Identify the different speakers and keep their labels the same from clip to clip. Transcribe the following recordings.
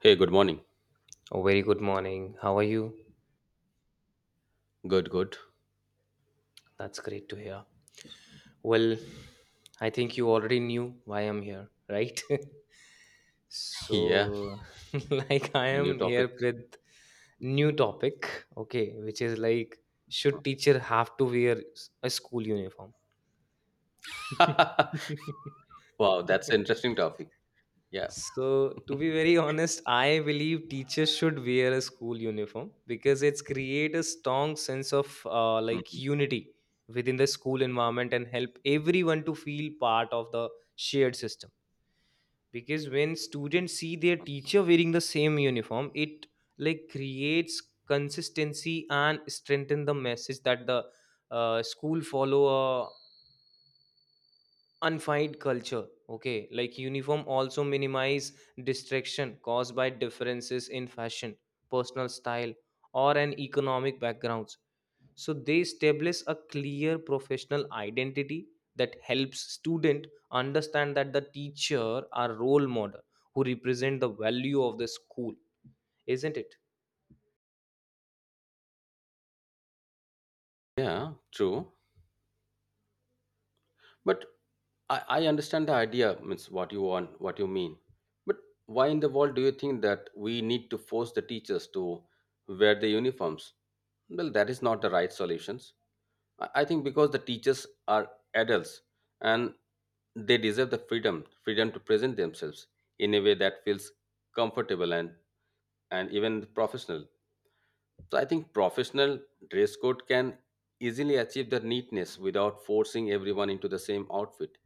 Speaker 1: Hey, good morning.
Speaker 2: Oh, very good morning. How are you?
Speaker 1: Good, good.
Speaker 2: That's great to hear. Well, I think you already knew why I'm here, right?
Speaker 1: Yeah,
Speaker 2: So, like, I
Speaker 1: a new
Speaker 2: am
Speaker 1: topic.
Speaker 2: here with new topic, okay, which is like, should teacher have to wear a school uniform?
Speaker 1: Wow, that's an interesting topic. Yeah.
Speaker 2: So, to be very honest, I believe teachers should wear a school uniform because it's create a strong sense of like
Speaker 1: Mhm.
Speaker 2: unity within the school environment and help everyone to feel part of the shared system. Because when students see their teacher wearing the same uniform, it like creates consistency and strengthen the message that the school follow undefined culture, okay, like uniform also minimize distraction caused by differences in fashion, personal style, or an economic backgrounds. So they establish a clear professional identity that helps student understand that the teacher are role model who represent the value of the school, isn't it?
Speaker 1: Yeah, true. But I understand the idea, means what you want, what you mean. But why in the world do you think that we need to force the teachers to wear the uniforms? Well, that is not the right solutions. I think because the teachers are adults and they deserve the freedom, freedom to present themselves in a way that feels comfortable and even professional. So I think professional dress code can easily achieve the neatness without forcing everyone into the same outfit.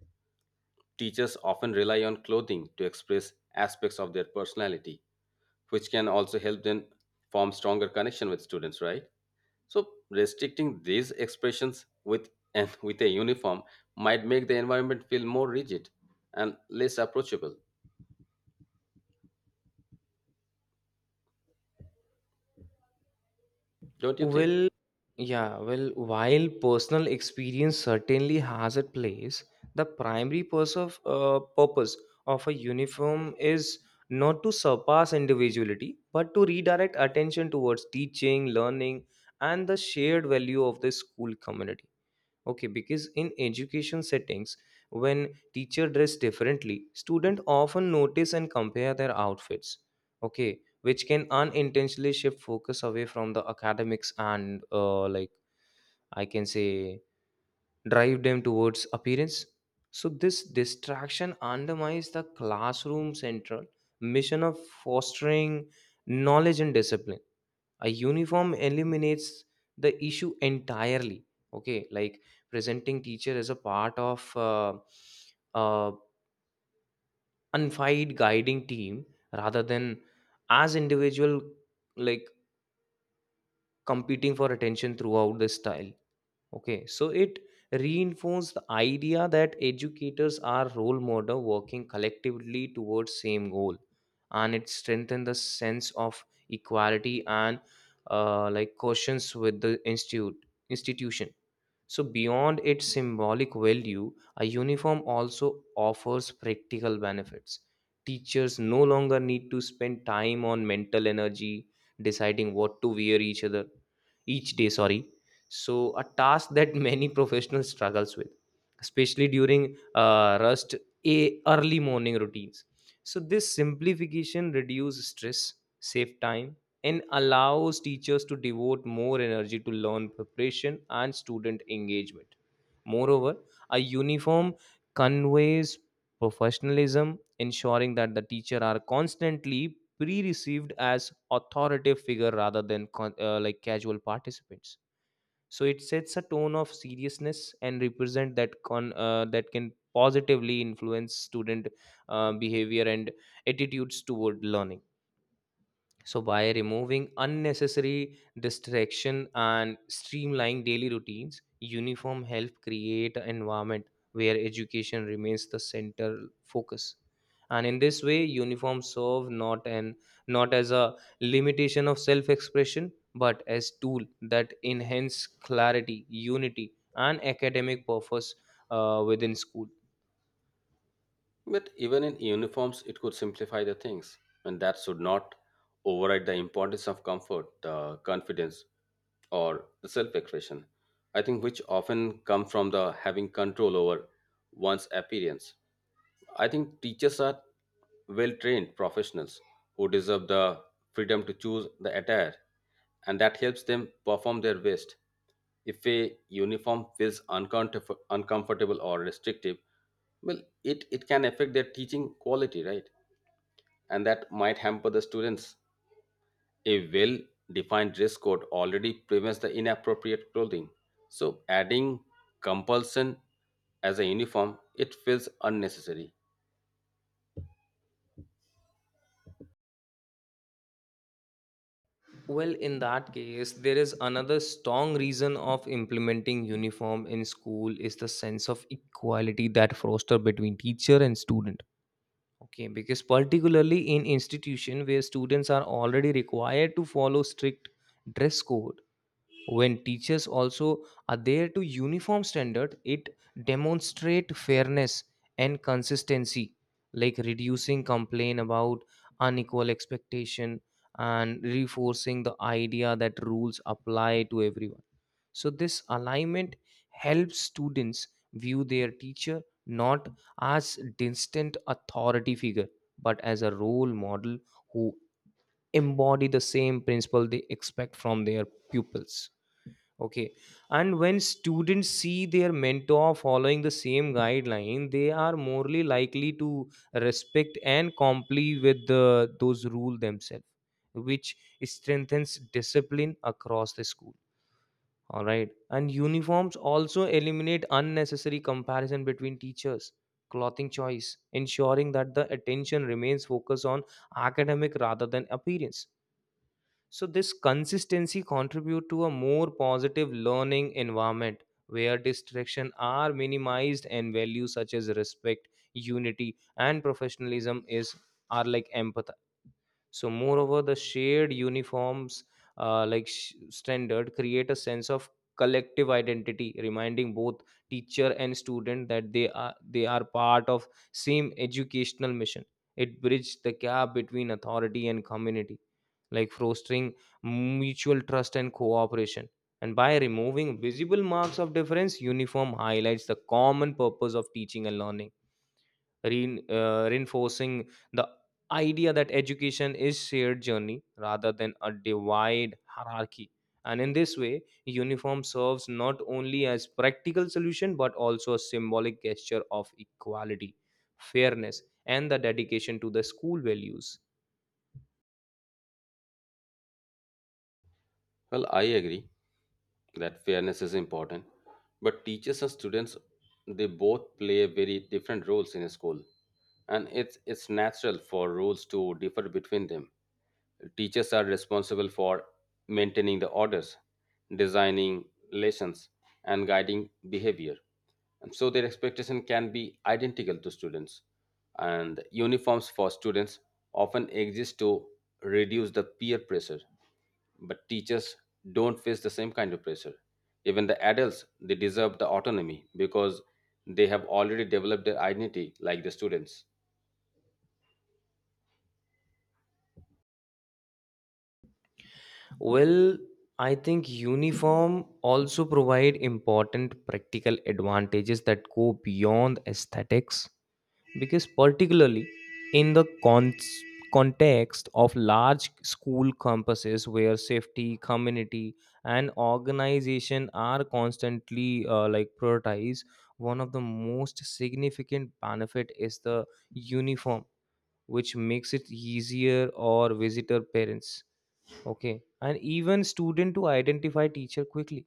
Speaker 1: Teachers often rely on clothing to express aspects of their personality, which can also help them form stronger connection with students, right? So restricting these expressions with and with a uniform might make the environment feel more rigid and less approachable, don't you think?
Speaker 2: Well, yeah, well, while personal experience certainly has a place, the primary purpose of a uniform is not to surpass individuality, but to redirect attention towards teaching, learning, and the shared value of the school community, okay, because in education settings, when teacher dress differently, student often notice and compare their outfits, okay, which can unintentionally shift focus away from the academics, and like, I can say, drive them towards appearance. So this distraction undermines the classroom central mission of fostering knowledge and discipline. A uniform eliminates the issue entirely, okay, like presenting teacher as a part of uh, uh, unified guiding team rather than as individual, like competing for attention throughout the style. Okay, so it reinforced the idea that educators are role model working collectively towards same goal, and it strengthened the sense of equality and like cautions with the institute institution. So, beyond its symbolic value, a uniform also offers practical benefits. Teachers no longer need to spend time on mental energy deciding what to wear each other, each day, sorry. So, a task that many professionals struggles with, especially during rust a early morning routines. So, this simplification reduces stress, save time, and allows teachers to devote more energy to learn preparation and student engagement. Moreover, a uniform conveys professionalism, ensuring that the teacher are constantly pre-received as authoritative figure rather than like casual participants. So it sets a tone of seriousness and represent that that can positively influence student behavior and attitudes toward learning. So, by removing unnecessary distraction and streamlining daily routines, uniform help create an environment where education remains the central focus. And in this way, uniforms serve not as a limitation of self-expression, but as tool that enhance clarity, unity, and academic purpose within school.
Speaker 1: But even in uniforms, it could simplify the things, and that should not override the importance of comfort, the confidence, or the self-expression. I think which often come from the having control over one's appearance. I think teachers are well-trained professionals who deserve the freedom to choose the attire, and that helps them perform their best. If a uniform feels uncomfortable or restrictive, well it can affect their teaching quality, right? And that might hamper the students. A well defined dress code already prevents the inappropriate clothing, so adding compulsion as a uniform it feels unnecessary.
Speaker 2: Well, in that case, there is another strong reason of implementing uniform in school is the sense of equality that foster between teacher and student. Okay, because particularly in institution where students are already required to follow strict dress code, when teachers also are there to uniform standard, it demonstrate fairness and consistency, like reducing complaint about unequal expectation and reinforcing the idea that rules apply to everyone. So this alignment helps students view their teacher, not as distant authority figure, but as a role model who embody the same principle they expect from their pupils. Okay. And when students see their mentor following the same guideline, they are morely likely to respect and comply with the, those rules themselves, which strengthens discipline across the school. All right. And uniforms also eliminate unnecessary comparison between teachers, clothing choice, ensuring that the attention remains focused on academic rather than appearance. So this consistency contribute to a more positive learning environment where distraction are minimized and values such as respect, unity and professionalism is are like empathy. So moreover, the shared uniforms standard create a sense of collective identity, reminding both teacher and student that they are part of same educational mission. It bridges the gap between authority and community, like fostering mutual trust and cooperation. And by removing visible marks of difference, uniform highlights the common purpose of teaching and learning, reinforcing the idea that education is shared journey rather than a divide hierarchy. And in this way, uniform serves not only as practical solution but also a symbolic gesture of equality, fairness, and the dedication to the school values.
Speaker 1: Well, I agree that fairness is important, but teachers and students, they both play very different roles in a school, and it's natural for roles to differ between them. Teachers are responsible for maintaining the orders, designing lessons, and guiding behavior. And so their expectation can be identical to students. And uniforms for students often exist to reduce the peer pressure, but teachers don't face the same kind of pressure. Even the adults, they deserve the autonomy because they have already developed their identity like the students.
Speaker 2: Well, I think uniform also provide important practical advantages that go beyond aesthetics, because particularly in the context of large school campuses where safety, community and organization are constantly like prioritized, one of the most significant benefit is the uniform which makes it easier or visitor parents, okay, and even student, to identify teacher quickly.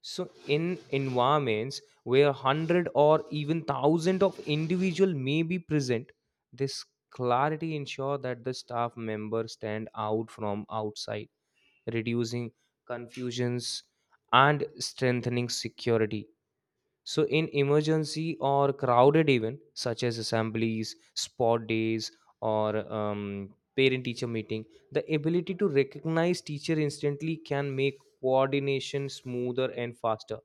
Speaker 2: So in environments where hundred or even thousand of individual may be present, this clarity ensure that the staff member stand out from outside, reducing confusions and strengthening security. So, in emergency or crowded event such as assemblies, sport days, or parent-teacher meeting, the ability to recognize teacher instantly can make coordination smoother and faster,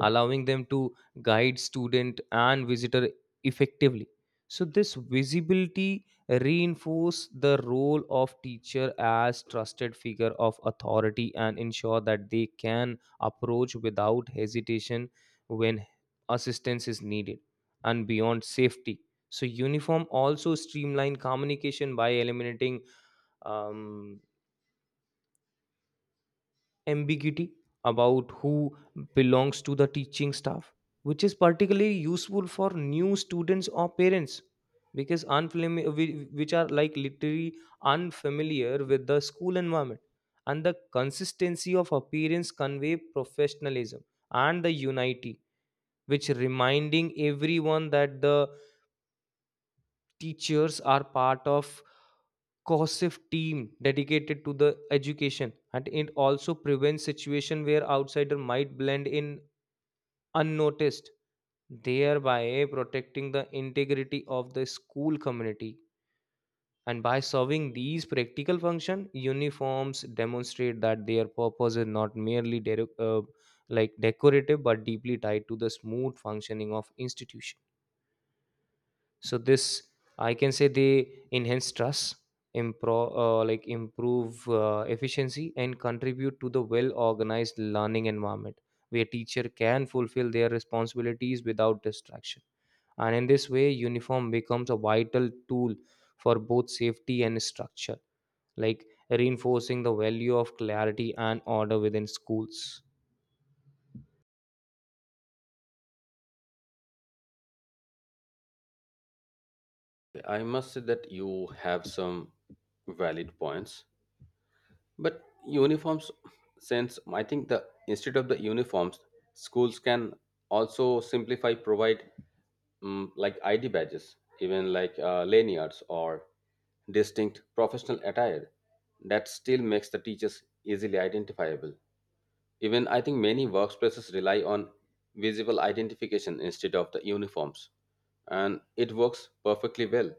Speaker 2: allowing them to guide student and visitor effectively. So this visibility reinforce the role of teacher as trusted figure of authority and ensure that they can approach without hesitation when assistance is needed. And beyond safety, so uniform also streamline communication by eliminating um, ambiguity about who belongs to the teaching staff, which is particularly useful for new students or parents, because unfamiliar, which are like literally unfamiliar with the school environment. And the consistency of appearance convey professionalism and the unity, which reminding everyone that the teachers are part of cohesive team dedicated to the education. And it also prevents situation where outsider might blend in unnoticed, thereby protecting the integrity of the school community. And by serving these practical function, uniforms demonstrate that their purpose is not merely like decorative but deeply tied to the smooth functioning of institution. So this, I can say, they enhance trust, improve efficiency, and contribute to the well organized learning environment where teacher can fulfill their responsibilities without distraction. And in this way, uniform becomes a vital tool for both safety and structure, like reinforcing the value of clarity and order within schools.
Speaker 1: I must say that you have some valid points. But uniforms, since I think the instead of the uniforms, schools can also simplify provide like ID badges, even like lanyards or distinct professional attire that still makes the teachers easily identifiable. Even I think many workplaces rely on visible identification instead of the uniforms, and it works perfectly well.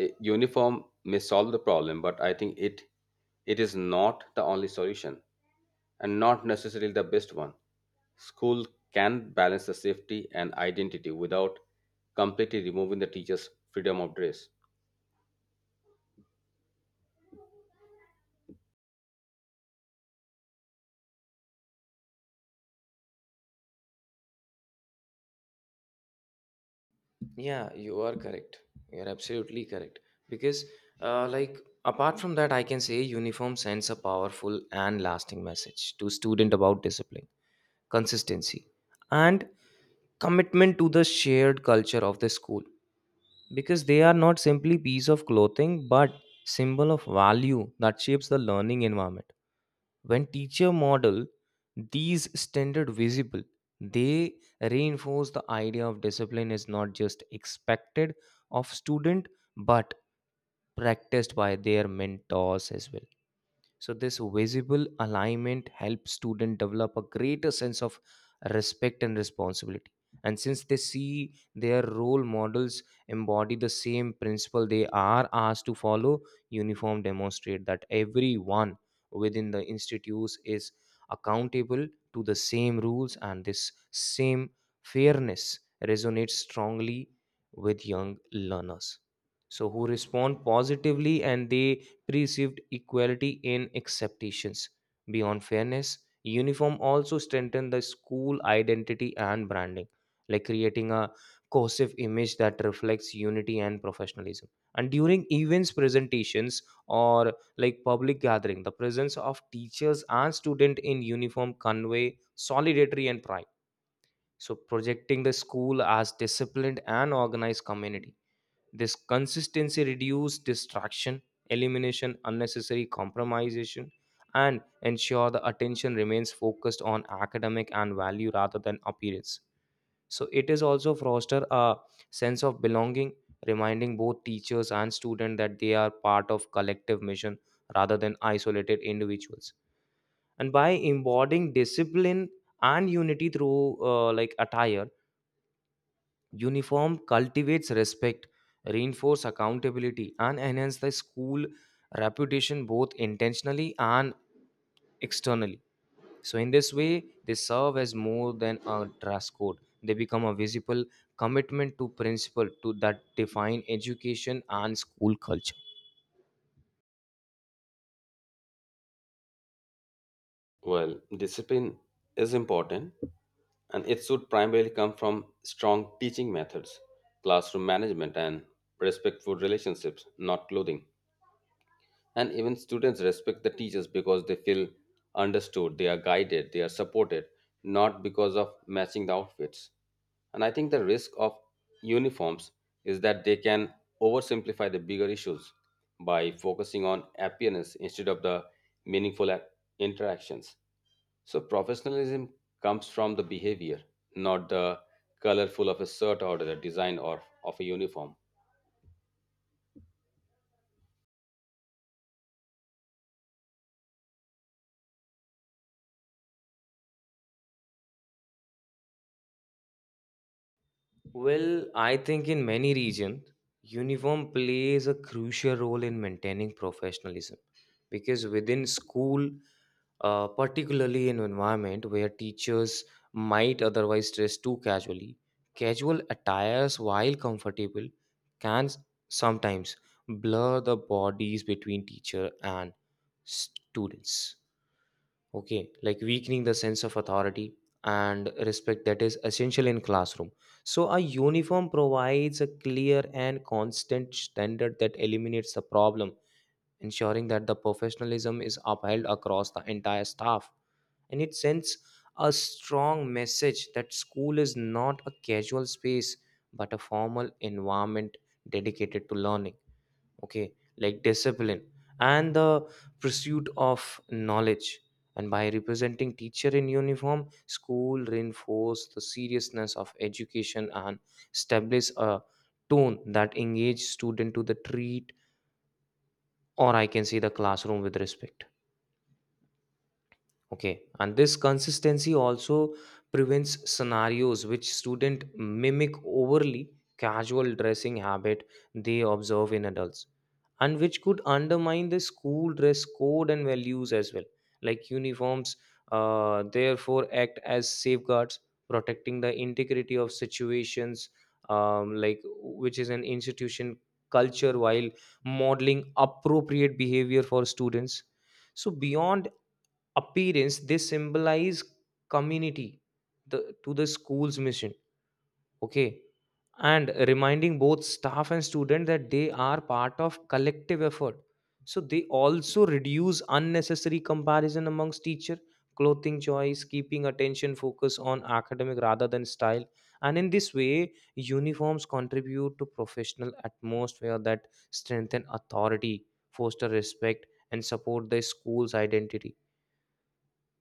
Speaker 1: Uniform may solve the problem, but I think it, it is not the only solution and not necessarily the best one. School can balance the safety and identity without completely removing the teacher's freedom of dress.
Speaker 2: Yeah, you are correct. You're absolutely correct. Because, like, apart from that, I can say uniform sends a powerful and lasting message to student about discipline, consistency, and commitment to the shared culture of the school. Because they are not simply piece of clothing, but symbol of value that shapes the learning environment. When teacher model these standard visible, they reinforce the idea of discipline is not just expected of student but practiced by their mentors as well. So this visible alignment helps student develop a greater sense of respect and responsibility. And since they see their role models embody the same principle they are asked to follow, uniform demonstrate that everyone within the institutes is accountable to the same rules, and this same fairness resonates strongly with young learners, so who respond positively and they received equality in acceptations. Beyond fairness, uniform also strengthened the school identity and branding, like creating a cohesive image that reflects unity and professionalism. And during events, presentations, or like public gathering, the presence of teachers and student in uniform convey solidarity and pride. So projecting the school as disciplined and organized community, this consistency reduces distraction, elimination unnecessary compromisation, and ensure the attention remains focused on academic and value rather than appearance. So it is also foster a sense of belonging, reminding both teachers and students that they are part of collective mission rather than isolated individuals. And by embodying discipline and unity through like attire, uniform cultivates respect, reinforce accountability, and enhance the school reputation both intentionally and externally. So, in this way, they serve as more than a dress code. They become a visible commitment to principle to that define education and school culture.
Speaker 1: Well, discipline is important and it should primarily come from strong teaching methods, classroom management, and respectful relationships, not clothing. And even students respect the teachers because they feel understood, they are guided, they are supported, not because of matching the outfits. And I think the risk of uniforms is that they can oversimplify the bigger issues by focusing on appearance instead of the meaningful ac- interactions. So professionalism comes from the behavior, not the colorful of a shirt or the design or of a uniform.
Speaker 2: Well, I think in many regions, uniform plays a crucial role in maintaining professionalism, because within school, particularly in environment where teachers might otherwise dress too casually. Casual attires, while comfortable, can sometimes blur the bodies between teacher and students. Okay, like weakening the sense of authority and respect that is essential in classroom. So a uniform provides a clear and constant standard that eliminates the problem, ensuring that the professionalism is upheld across the entire staff. And it sends a strong message that school is not a casual space but a formal environment dedicated to learning, okay, like discipline and the pursuit of knowledge. And by representing teacher in uniform, school reinforce the seriousness of education and establish a tone that engage student to the treat, or I can say the classroom with respect. Okay, and this consistency also prevents scenarios which student mimic overly casual dressing habit they observe in adults, and which could undermine the school dress code and values as well like uniforms therefore act as safeguards protecting the integrity of situations, like which is an institution culture while modeling appropriate behavior for students. So beyond appearance they symbolize community, to the school's mission, okay, and reminding both staff and student that they are part of collective effort. So they also reduce unnecessary comparison amongst teacher clothing choice, keeping attention focus on academic rather than style. And in this way uniforms contribute to professional atmosphere that strengthen authority, foster respect, and support the school's identity.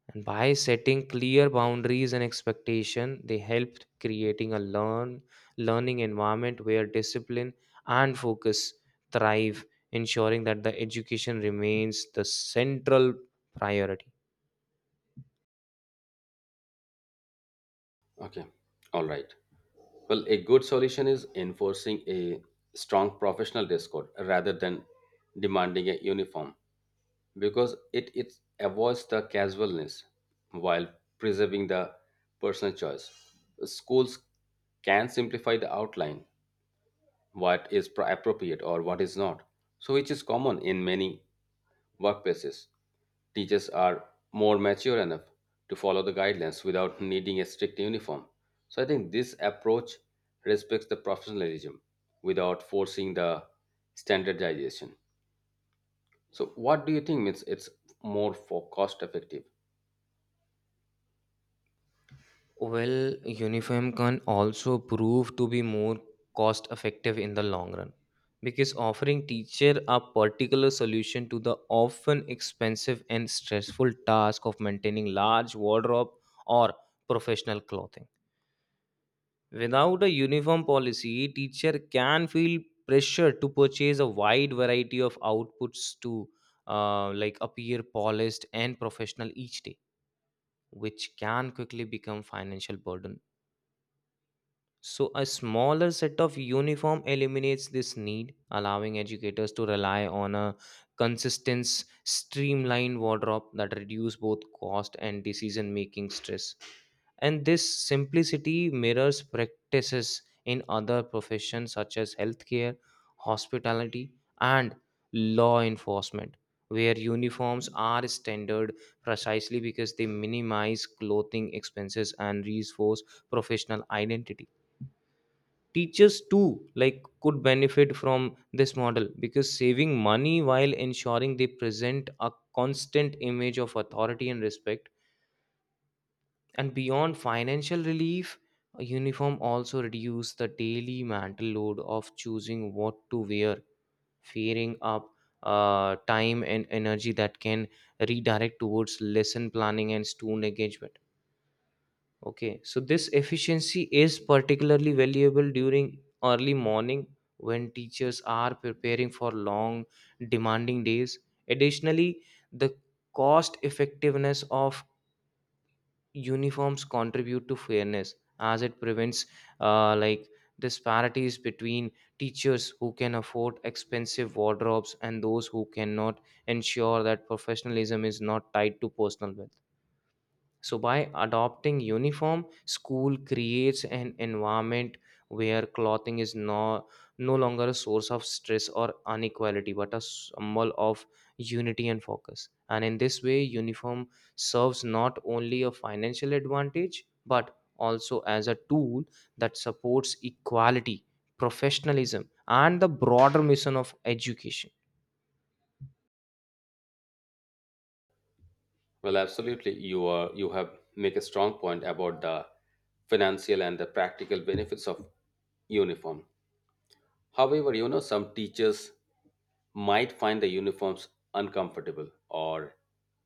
Speaker 2: And by setting clear boundaries and expectation they helped creating a learning environment where discipline and focus thrive, ensuring that the education remains the central priority.
Speaker 1: Okay, all right. Well, a good solution is enforcing a strong professional dress code rather than demanding a uniform, because it avoids the casualness while preserving the personal choice. Schools can simplify the outline, what is appropriate or what is not, so which is common in many workplaces. Teachers are more mature enough to follow the guidelines without needing a strict uniform. So I think this approach respects the professionalism without forcing the standardization. So what do you think means it's more for cost effective?
Speaker 2: Well, uniform can also prove to be more cost effective in the long run, because offering teacher a particular solution to the often expensive and stressful task of maintaining large wardrobe or professional clothing. Without a uniform policy, teacher can feel pressure to purchase a wide variety of outputs to like appear polished and professional each day, which can quickly become financial burden. So, a smaller set of uniform eliminates this need, allowing educators to rely on a consistent, streamlined wardrobe that reduce both cost and decision-making stress. And this simplicity mirrors practices in other professions such as healthcare, hospitality, and law enforcement, where uniforms are standard precisely because they minimize clothing expenses and reinforce professional identity. Teachers too like could benefit from this model because saving money while ensuring they present a constant image of authority and respect. And beyond financial relief, a uniform also reduce the daily mental load of choosing what to wear, fearing up time and energy that can redirect towards lesson planning and student engagement. Okay, so this efficiency is particularly valuable during early morning when teachers are preparing for long, demanding days. Additionally, the cost effectiveness of uniforms contribute to fairness as it prevents like disparities between teachers who can afford expensive wardrobes and those who cannot, ensure that professionalism is not tied to personal wealth. So, by adopting uniform, school creates an environment where clothing is no longer a source of stress or inequality, but a symbol of unity and focus. And in this way, uniform serves not only a financial advantage, but also as a tool that supports equality, professionalism, and the broader mission of education.
Speaker 1: Well, absolutely. You have make a strong point about the financial and the practical benefits of uniform. However, some teachers might find the uniforms uncomfortable or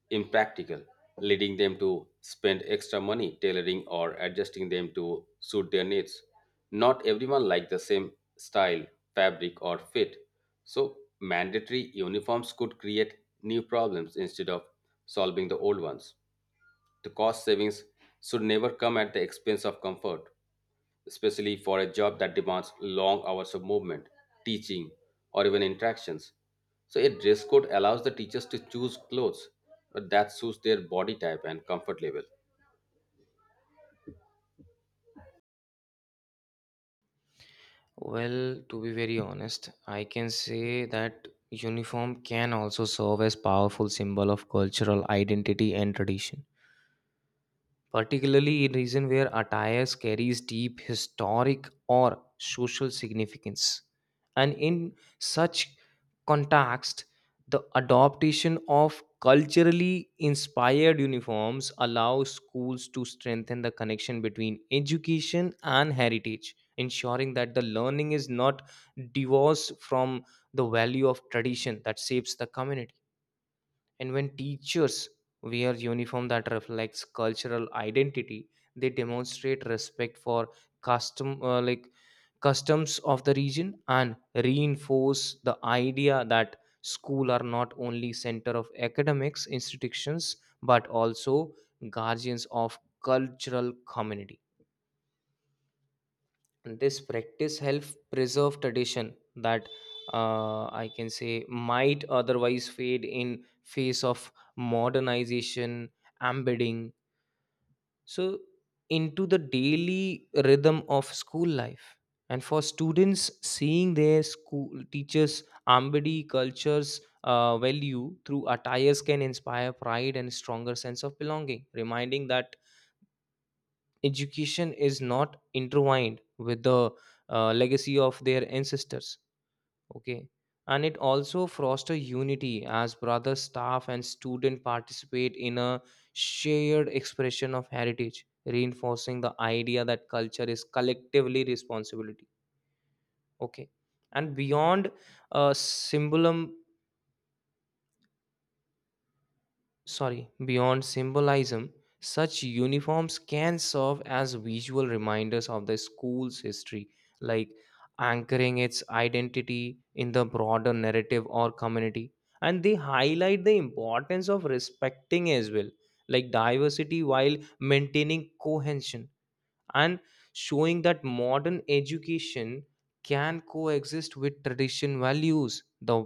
Speaker 1: impractical, leading them to spend extra money tailoring or adjusting them to suit their needs. Not everyone likes the same style, fabric, or fit, so mandatory uniforms could create new problems instead of solving the old ones. The cost savings should never come at the expense of comfort, especially for a job that demands long hours of movement, teaching, or even interactions. So, a dress code allows the teachers to choose clothes that suits their body type and comfort level.
Speaker 2: Well, to be very honest, I can say that uniform can also serve as powerful symbol of cultural identity and tradition, particularly in regions where attires carries deep historic or social significance. And in such context, the adoption of culturally inspired uniforms allows schools to strengthen the connection between education and heritage, ensuring that the learning is not divorced from the value of tradition that shapes the community. And when teachers wear uniform that reflects cultural identity, they demonstrate respect for custom like customs of the region and reinforce the idea that school are not only center of academics institutions, but also guardians of cultural community. This practice helps preserve tradition that I can say might otherwise fade in face of modernization, embedding so into the daily rhythm of school life. And for students seeing their school teachers embody cultures value through attires can inspire pride and stronger sense of belonging, reminding that education is not intertwined with the legacy of their ancestors, okay, and it also foster unity as brother staff and student participate in a shared expression of heritage, reinforcing the idea that culture is collectively responsibility. Okay, and beyond uh, symbolism beyond symbolism, such uniforms can serve as visual reminders of the school's history, like anchoring its identity in the broader narrative or community. And they highlight the importance of respecting as well, like diversity while maintaining cohesion and showing that modern education can coexist with tradition values. The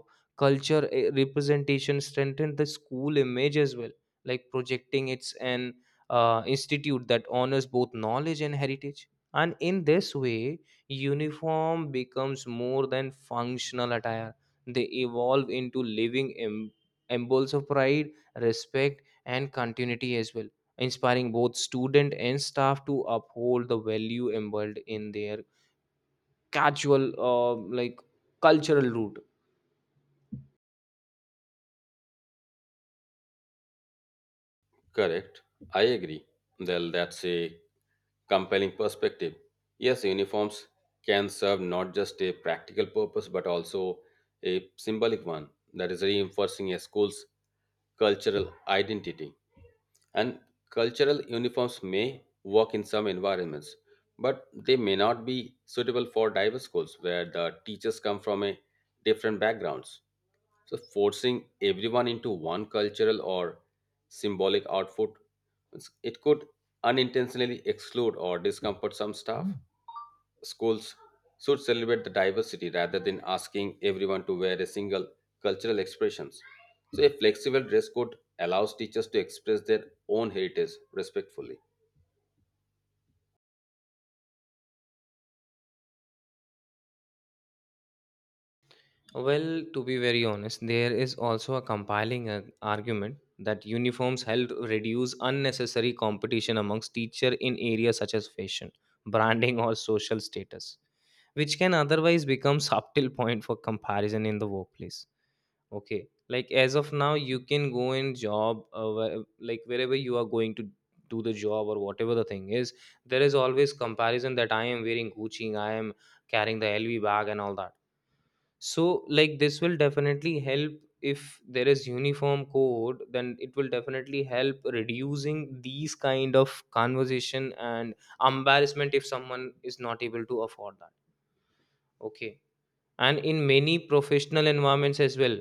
Speaker 2: culture representation strengthened the school image as well, like projecting it's an institute that honors both knowledge and heritage. And in this way uniform becomes more than functional attire, they evolve into living emblems of pride, respect and continuity as well, inspiring both student and staff to uphold the value embedded in their casual like cultural root.
Speaker 1: Correct. I agree. Well, that's a compelling perspective. Yes, uniforms can serve not just a practical purpose but also a symbolic one, that is, reinforcing a school's cultural identity. And cultural uniforms may work in some environments, but they may not be suitable for diverse schools where the teachers come from a different backgrounds. So forcing everyone into one cultural or symbolic outfit, it could unintentionally exclude or discomfort some staff. Schools should celebrate the diversity rather than asking everyone to wear a single cultural expressions. So a flexible dress code allows teachers to express their own heritage respectfully.
Speaker 2: Well, to be very honest, there is also a compiling argument that uniforms help reduce unnecessary competition amongst teacher in areas such as fashion, branding or social status, which can otherwise become subtle point for comparison in the workplace. Okay. Like as of now, you can go and job, like wherever you are going to do the job or whatever the thing is, there is always comparison that I am wearing Gucci, I am carrying the LV bag and all that. So like this will definitely help if there is uniform code, then it will definitely help reducing these kind of conversation and embarrassment if someone is not able to afford that. Okay, and in many professional environments as well,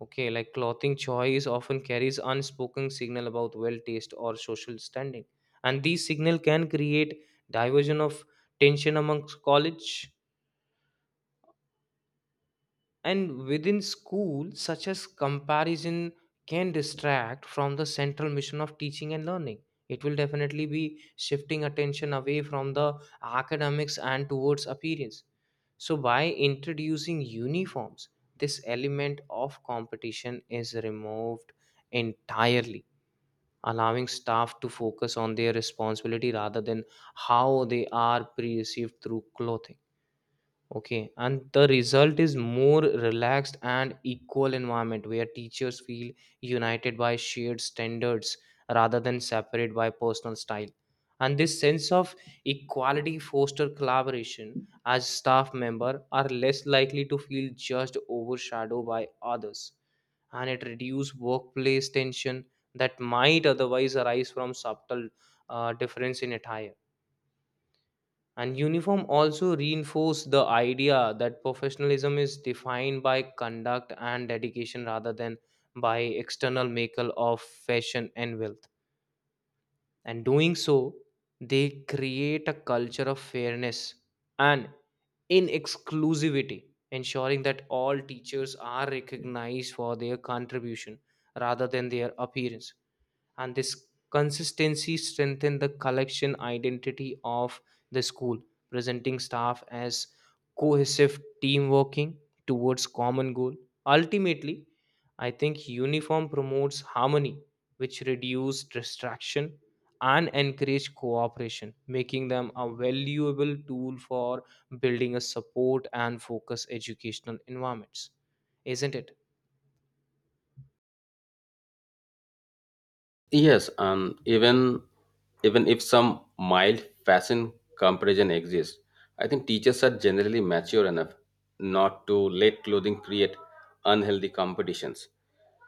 Speaker 2: okay, like clothing choice often carries unspoken signal about well taste or social standing. And these signal can create diversion of tension amongst college, and within school, such as comparison can distract from the central mission of teaching and learning. It will definitely be shifting attention away from the academics and towards appearance. So, by introducing uniforms, this element of competition is removed entirely, allowing staff to focus on their responsibility rather than how they are perceived through clothing. Okay, and the result is more relaxed and equal environment where teachers feel united by shared standards rather than separate by personal style. And this sense of equality foster collaboration as staff member are less likely to feel judged overshadowed by others. And it reduce workplace tension that might otherwise arise from subtle difference in attire. And uniform also reinforce the idea that professionalism is defined by conduct and dedication rather than by external makeup of fashion and wealth, and doing so they create a culture of fairness and in exclusivity, ensuring that all teachers are recognized for their contribution rather than their appearance. And this consistency strengthened the collection identity of the school, presenting staff as cohesive team working towards common goal. Ultimately, I think uniform promotes harmony which reduce distraction and encourage cooperation, making them a valuable tool for building a support and focus educational environments, isn't it?
Speaker 1: Yes, and even if some mild fashion comparison exists, I think teachers are generally mature enough not to let clothing create unhealthy competitions.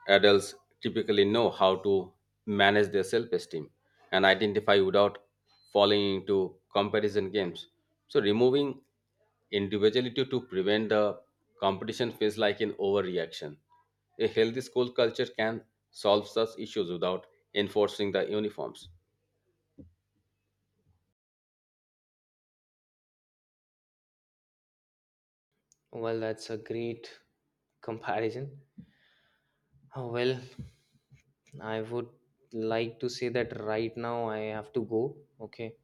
Speaker 1: Adults typically know how to manage their self-esteem and identify without falling into comparison games. So removing individuality to prevent the competition feels like an overreaction. A healthy school culture can solve such issues without enforcing the uniforms.
Speaker 2: Well, that's a great comparison. Oh, well, I would like to say that right now I have to go, okay,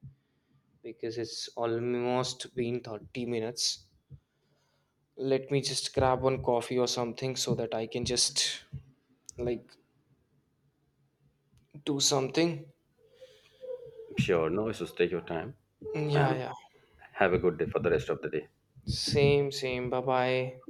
Speaker 2: because it's almost been 30 minutes. Let me just grab one coffee or something so that I can just like do something.
Speaker 1: Sure, no issues. Take your time
Speaker 2: Yeah,
Speaker 1: and
Speaker 2: yeah.
Speaker 1: have a good day for the rest of the day.
Speaker 2: Same, same. Bye bye.